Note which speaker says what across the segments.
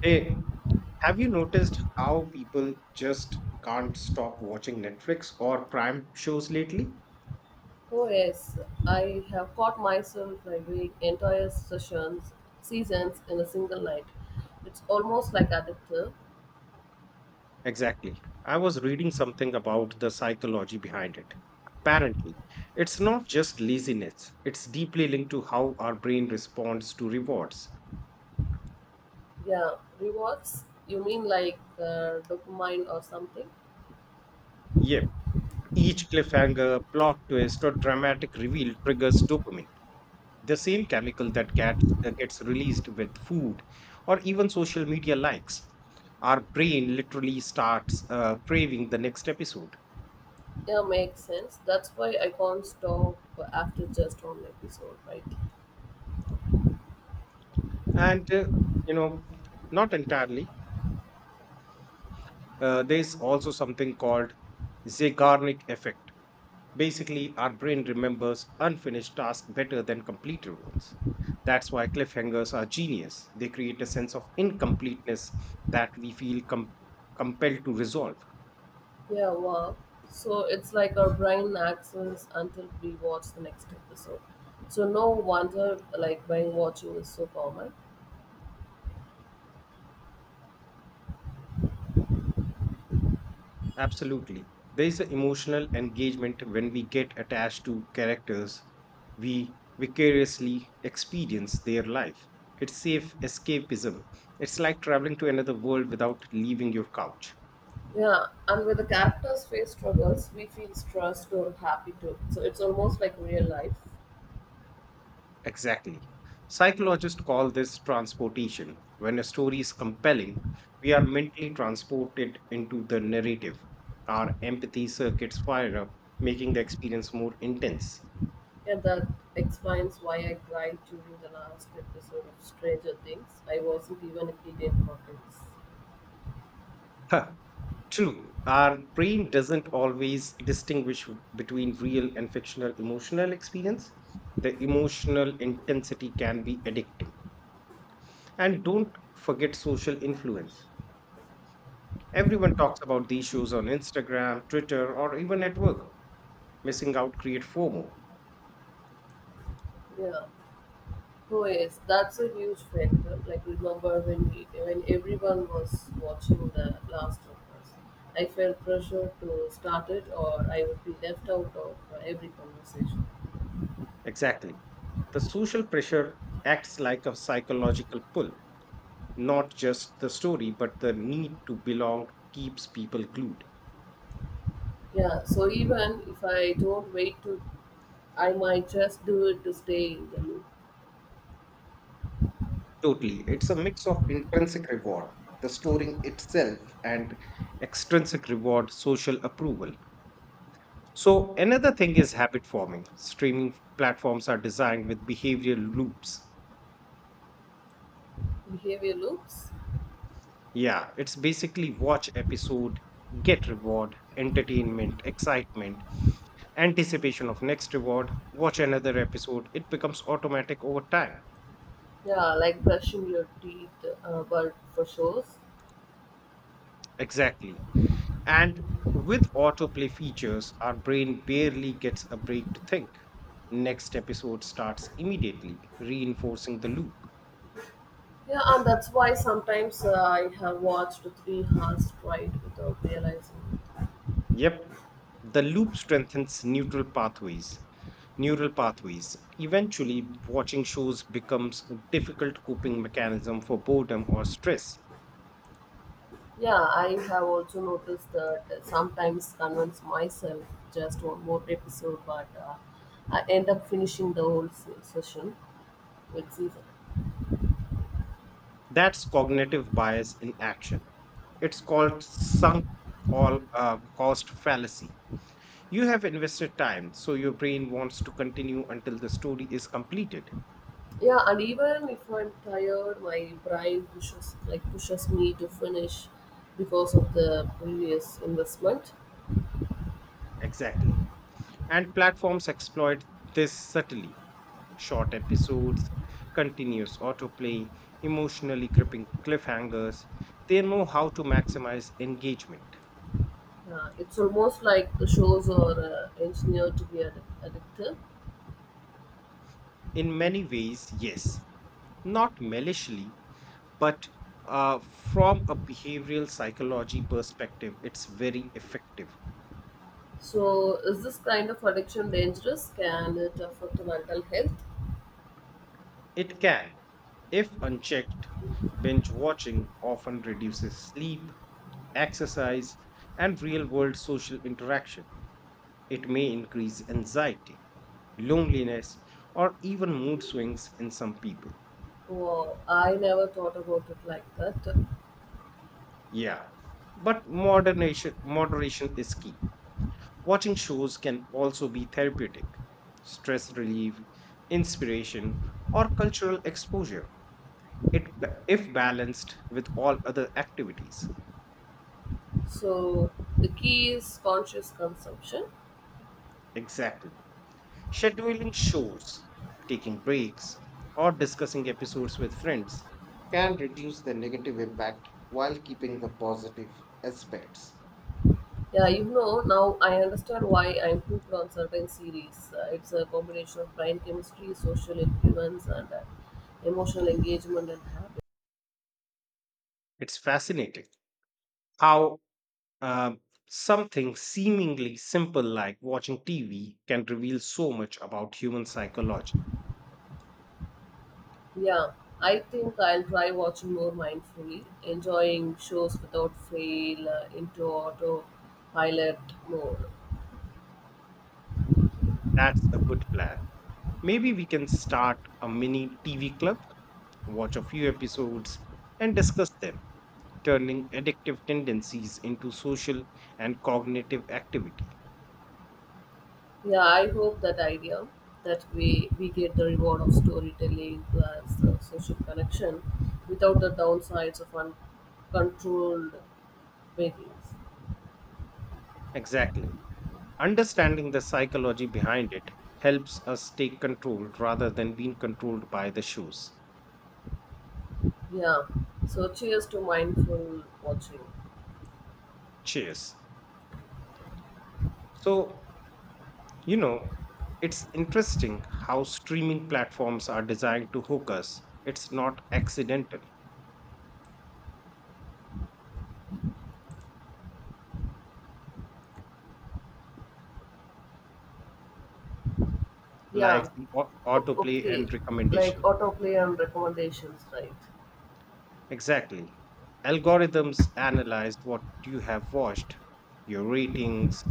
Speaker 1: Hey, have you noticed how people just can't stop watching Netflix or Prime shows lately?
Speaker 2: Oh yes, I have caught myself like doing entire sessions, seasons in a single night. It's almost like addictive.
Speaker 1: Exactly. I was reading something about the psychology behind it. Apparently, it's not just laziness, it's deeply linked to how our brain responds to rewards.
Speaker 2: Yeah, rewards. You mean like dopamine or something?
Speaker 1: Yep, each cliffhanger, plot twist, or dramatic reveal triggers dopamine, the same chemical that gets released with food or even social media likes. Our brain literally starts craving the next episode.
Speaker 2: Yeah, makes sense. That's why I can't stop after just one episode, right?
Speaker 1: And you know not entirely. There's also something called Zeigarnik effect. Basically, our brain remembers unfinished tasks better than completed ones. That's why cliffhangers are genius. They create a sense of incompleteness that we feel compelled to resolve.
Speaker 2: Yeah, wow. So it's like our brain access until we watch the next episode. So no wonder like brain watching is so common.
Speaker 1: Absolutely. There is an emotional engagement when we get attached to characters. We vicariously experience their life. It's safe escapism. It's like traveling to another world without leaving your couch.
Speaker 2: Yeah, and when the characters face struggles, we feel stressed or happy too. So it's almost like real life.
Speaker 1: Exactly. Psychologists call this transportation. When a story is compelling, we are mentally transported into the narrative. Our empathy circuits fire up, making the experience more intense.
Speaker 2: And that explains why I cried during the last episode of Stranger Things. I wasn't even a kid in Hawkins.
Speaker 1: True, our brain doesn't always distinguish between real and fictional emotional experience. The emotional intensity can be addicting. And don't forget social influence. Everyone talks about these shows on Instagram, Twitter, or even at work. Missing out create FOMO.
Speaker 2: Yeah. Oh yes, that's a huge factor. Like remember when when everyone was watching the Last of Us, I felt pressure to start it, or I would be left out of every conversation.
Speaker 1: Exactly. The social pressure acts like a psychological pull. Not just the story, but the need to belong keeps people glued.
Speaker 2: Yeah, so even if I don't wait to I might just do it to stay in the loop.
Speaker 1: Totally. It's a mix of intrinsic reward, the storing itself, and extrinsic reward, social approval. So, another thing is habit forming. Streaming platforms are designed with behavioral loops.
Speaker 2: Behavior loops.
Speaker 1: Yeah, it's basically watch episode, get reward, entertainment, excitement, anticipation of next reward, watch another episode. It becomes automatic over time.
Speaker 2: Yeah, like brushing your teeth, but for shows.
Speaker 1: Exactly. And with autoplay features, our brain barely gets a break to think. Next episode starts immediately, reinforcing the loop.
Speaker 2: Yeah, and that's why sometimes I have watched 3 hours straight without realizing it.
Speaker 1: Yep, the loop strengthens neural pathways. Neural pathways. Eventually, watching shows becomes a difficult coping mechanism for boredom or stress.
Speaker 2: Yeah, I have also noticed that sometimes convince myself just one more episode, but I end up finishing the whole session with season.
Speaker 1: That's cognitive bias in action. It's called sunk all cost fallacy. You have invested time, so your brain wants to continue until the story is completed.
Speaker 2: Yeah, and even if I'm tired, my brain pushes me to finish because of the previous investment.
Speaker 1: Exactly. And platforms exploit this subtly. Short episodes, continuous autoplay, emotionally gripping cliffhangers. They know how to maximize engagement.
Speaker 2: It's almost like the shows are engineered to be addictive.
Speaker 1: In many ways, yes. Not maliciously, but from a behavioral psychology perspective, it's very effective.
Speaker 2: So, is this kind of addiction dangerous? Can it affect mental health?
Speaker 1: It can. If unchecked, binge watching often reduces sleep, exercise, and real world social interaction. It may increase anxiety, loneliness, or even mood swings in some people.
Speaker 2: Wow, I never thought about it like that.
Speaker 1: Yeah, but moderation, moderation is key. Watching shows can also be therapeutic, stress relief, inspiration, or cultural exposure. If balanced with all other activities.
Speaker 2: So, the key is conscious consumption.
Speaker 1: Exactly. Scheduling shows, taking breaks, or discussing episodes with friends can reduce the negative impact while keeping the positive aspects.
Speaker 2: Yeah, you know, now I understand why I'm hooked on certain series. It's a combination of brain chemistry, social influence, and emotional engagement and habit.
Speaker 1: It's fascinating how um, something seemingly simple like watching TV can reveal so much about human psychology.
Speaker 2: Yeah, I think I'll try watching more mindfully, enjoying shows without fail, into autopilot mode.
Speaker 1: That's a good plan. Maybe we can start a mini TV club, watch a few episodes, and discuss them, turning addictive tendencies into social and cognitive activity.
Speaker 2: Yeah, I hope that idea that we get the reward of storytelling plus social connection without the downsides of uncontrolled variance.
Speaker 1: Exactly. Understanding the psychology behind it helps us take control rather than being controlled by the shows.
Speaker 2: Yeah. So cheers to mindful watching.
Speaker 1: Cheers. So, you know, it's interesting how streaming platforms are designed to hook us. It's not accidental, like
Speaker 2: Yeah.
Speaker 1: the autoplay
Speaker 2: Okay.
Speaker 1: and
Speaker 2: Like
Speaker 1: recommendation.
Speaker 2: autoplay and recommendations, right?
Speaker 1: Exactly. Algorithms analyze what you have watched, your ratings,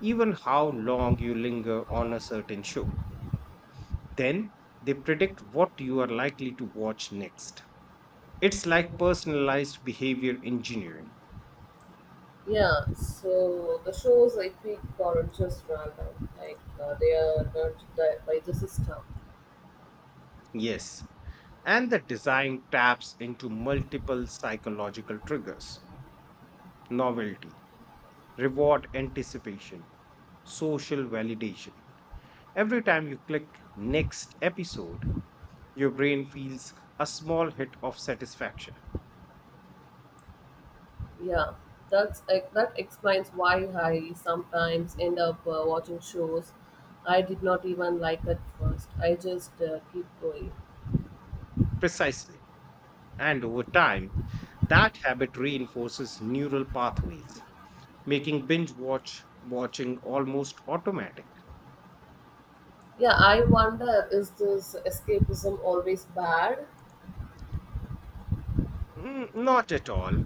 Speaker 1: even how long you linger on a certain show. Then they predict what you are likely to watch next. It's like personalized behavior engineering.
Speaker 2: Yeah. So the shows I pick aren't just random. Like they are not di- by the system.
Speaker 1: Yes. And the design taps into multiple psychological triggers: novelty, reward anticipation, social validation. Every time you click next episode, your brain feels a small hit of satisfaction.
Speaker 2: Yeah. That explains why I sometimes end up watching shows I did not even like at first. I just keep going.
Speaker 1: Precisely. And over time, that habit reinforces neural pathways, making binge watching almost automatic.
Speaker 2: Yeah, I wonder is this escapism always bad?
Speaker 1: Mm, not at all.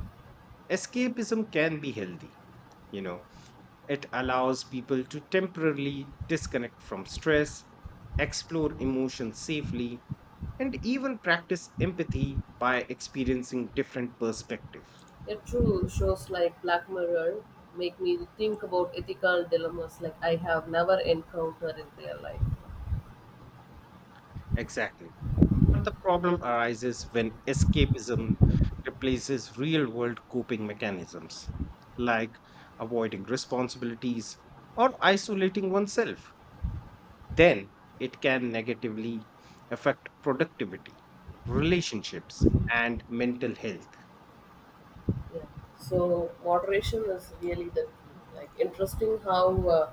Speaker 1: Escapism can be healthy, you know. It allows people to temporarily disconnect from stress, explore emotions safely, and even practice empathy by experiencing different perspectives.
Speaker 2: Yet true, shows like Black Mirror make me think about ethical dilemmas like I have never encountered in real life.
Speaker 1: Exactly. But the problem arises when escapism replaces real world coping mechanisms, like avoiding responsibilities or isolating oneself. Then it can negatively affect productivity, relationships, and mental health.
Speaker 2: Yeah. So moderation is really the key. Like interesting how uh,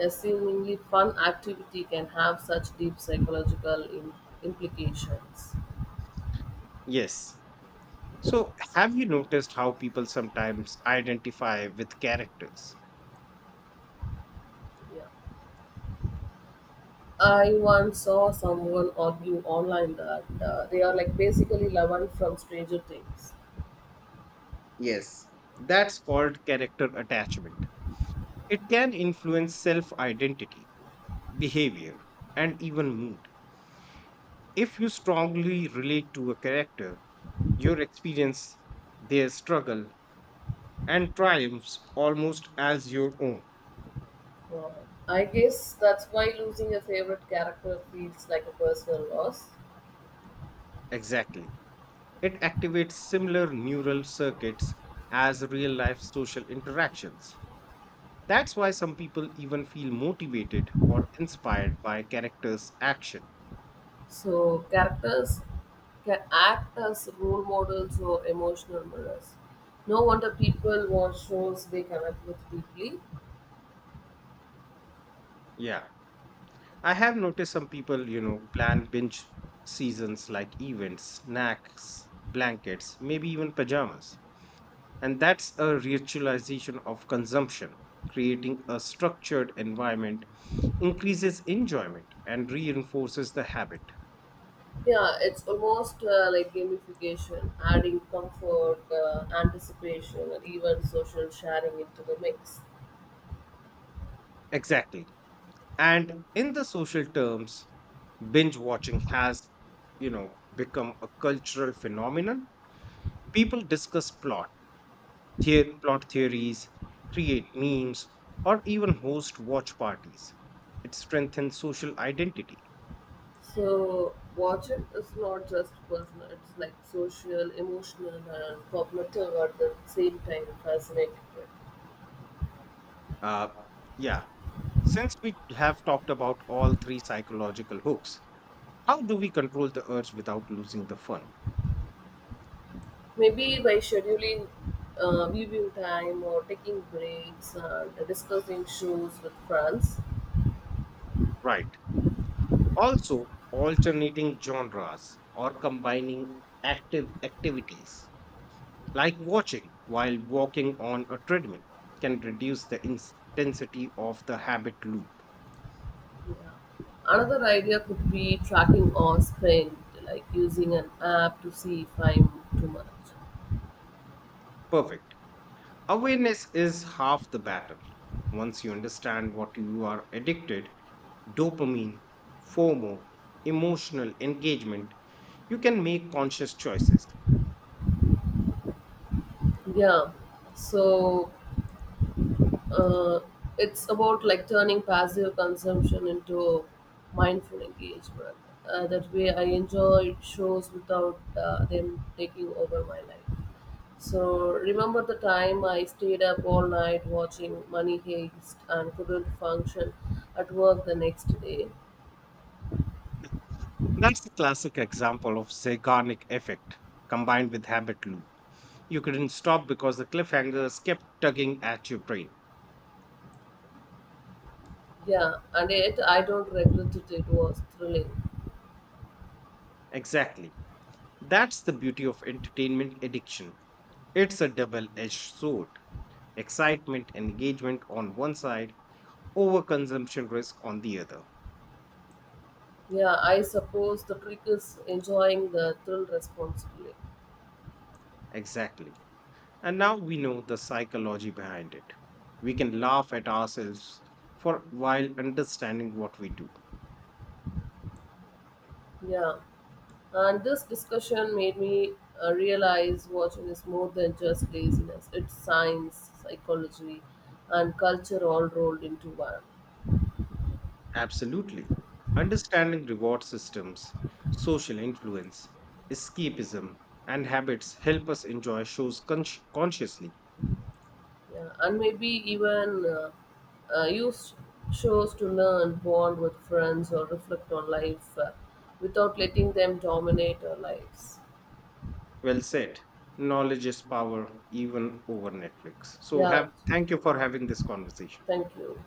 Speaker 2: a seemingly fun activity can have such deep psychological implications.
Speaker 1: Yes. So, have you noticed how people sometimes identify with characters?
Speaker 2: Yeah. I once saw someone argue online that they are like basically loved from Stranger Things.
Speaker 1: Yes, that's called character attachment. It can influence self identity, behavior, and even mood. If you strongly relate to a character, your experience, their struggle, and triumphs almost as your own.
Speaker 2: Uh, I guess that's why losing a favorite character feels like a personal loss.
Speaker 1: Exactly. It activates similar neural circuits as real life social interactions. That's why some people even feel motivated or inspired by a character's action.
Speaker 2: So, characters can act as role models or emotional mirrors. No wonder people watch shows they connect with deeply.
Speaker 1: Yeah. I have noticed some people, you know, plan binge seasons like events, snacks, blankets, maybe even pajamas. And that's a ritualization of consumption. Creating a structured environment increases enjoyment and reinforces the habit.
Speaker 2: Yeah, it's almost like gamification, adding comfort, anticipation, and even social sharing into the mix.
Speaker 1: Exactly. And in the social terms, binge watching has, you know, become a cultural phenomenon. People discuss plot, plot theories, create memes, or even host watch parties. It strengthens social identity.
Speaker 2: So watching is not just personal, it's like social, emotional, and cognitive at the same time fascinating.
Speaker 1: Uh, yeah, since we have talked about all three psychological hooks, how do we control the urge without losing the fun?
Speaker 2: Maybe by scheduling viewing time or taking breaks and discussing shows with friends.
Speaker 1: Right. Also, alternating genres or combining active activities like watching while walking on a treadmill can reduce the intensity of the habit loop.
Speaker 2: Another idea could be tracking or spend, like using an app to see if I'm too much.
Speaker 1: Perfect. Awareness is half the battle. Once you understand what you are addicted, dopamine, FOMO, emotional engagement, you can make conscious choices.
Speaker 2: Yeah. So uh, it's about like turning passive consumption into mindful engagement. That way, I enjoy shows without them taking over my life. So remember the time I stayed up all night watching Money Heist and couldn't function at work the next day.
Speaker 1: That's a classic example of Zeigarnik effect combined with habit loop. You couldn't stop because the cliffhangers kept tugging at your brain.
Speaker 2: Yeah, and yet I don't regret it. It was thrilling.
Speaker 1: Exactly. That's the beauty of entertainment addiction. It's a double edged sword. Excitement and engagement on one side, overconsumption risk on the other.
Speaker 2: Yeah, I suppose the trick is enjoying the thrill responsibly.
Speaker 1: Exactly. And now we know the psychology behind it. We can laugh at ourselves for while understanding what we do.
Speaker 2: Yeah. And this discussion made me realize watching is more than just laziness. It's science, psychology, and culture all rolled into one.
Speaker 1: Absolutely. Understanding reward systems, social influence, escapism, and habits help us enjoy shows consciously.
Speaker 2: Yeah, and maybe even use shows to learn, bond with friends, or reflect on life without letting them dominate our lives.
Speaker 1: Well said. Knowledge is power, even over Netflix. So,
Speaker 2: Yeah,
Speaker 1: have thank you for having this conversation.
Speaker 2: thank you.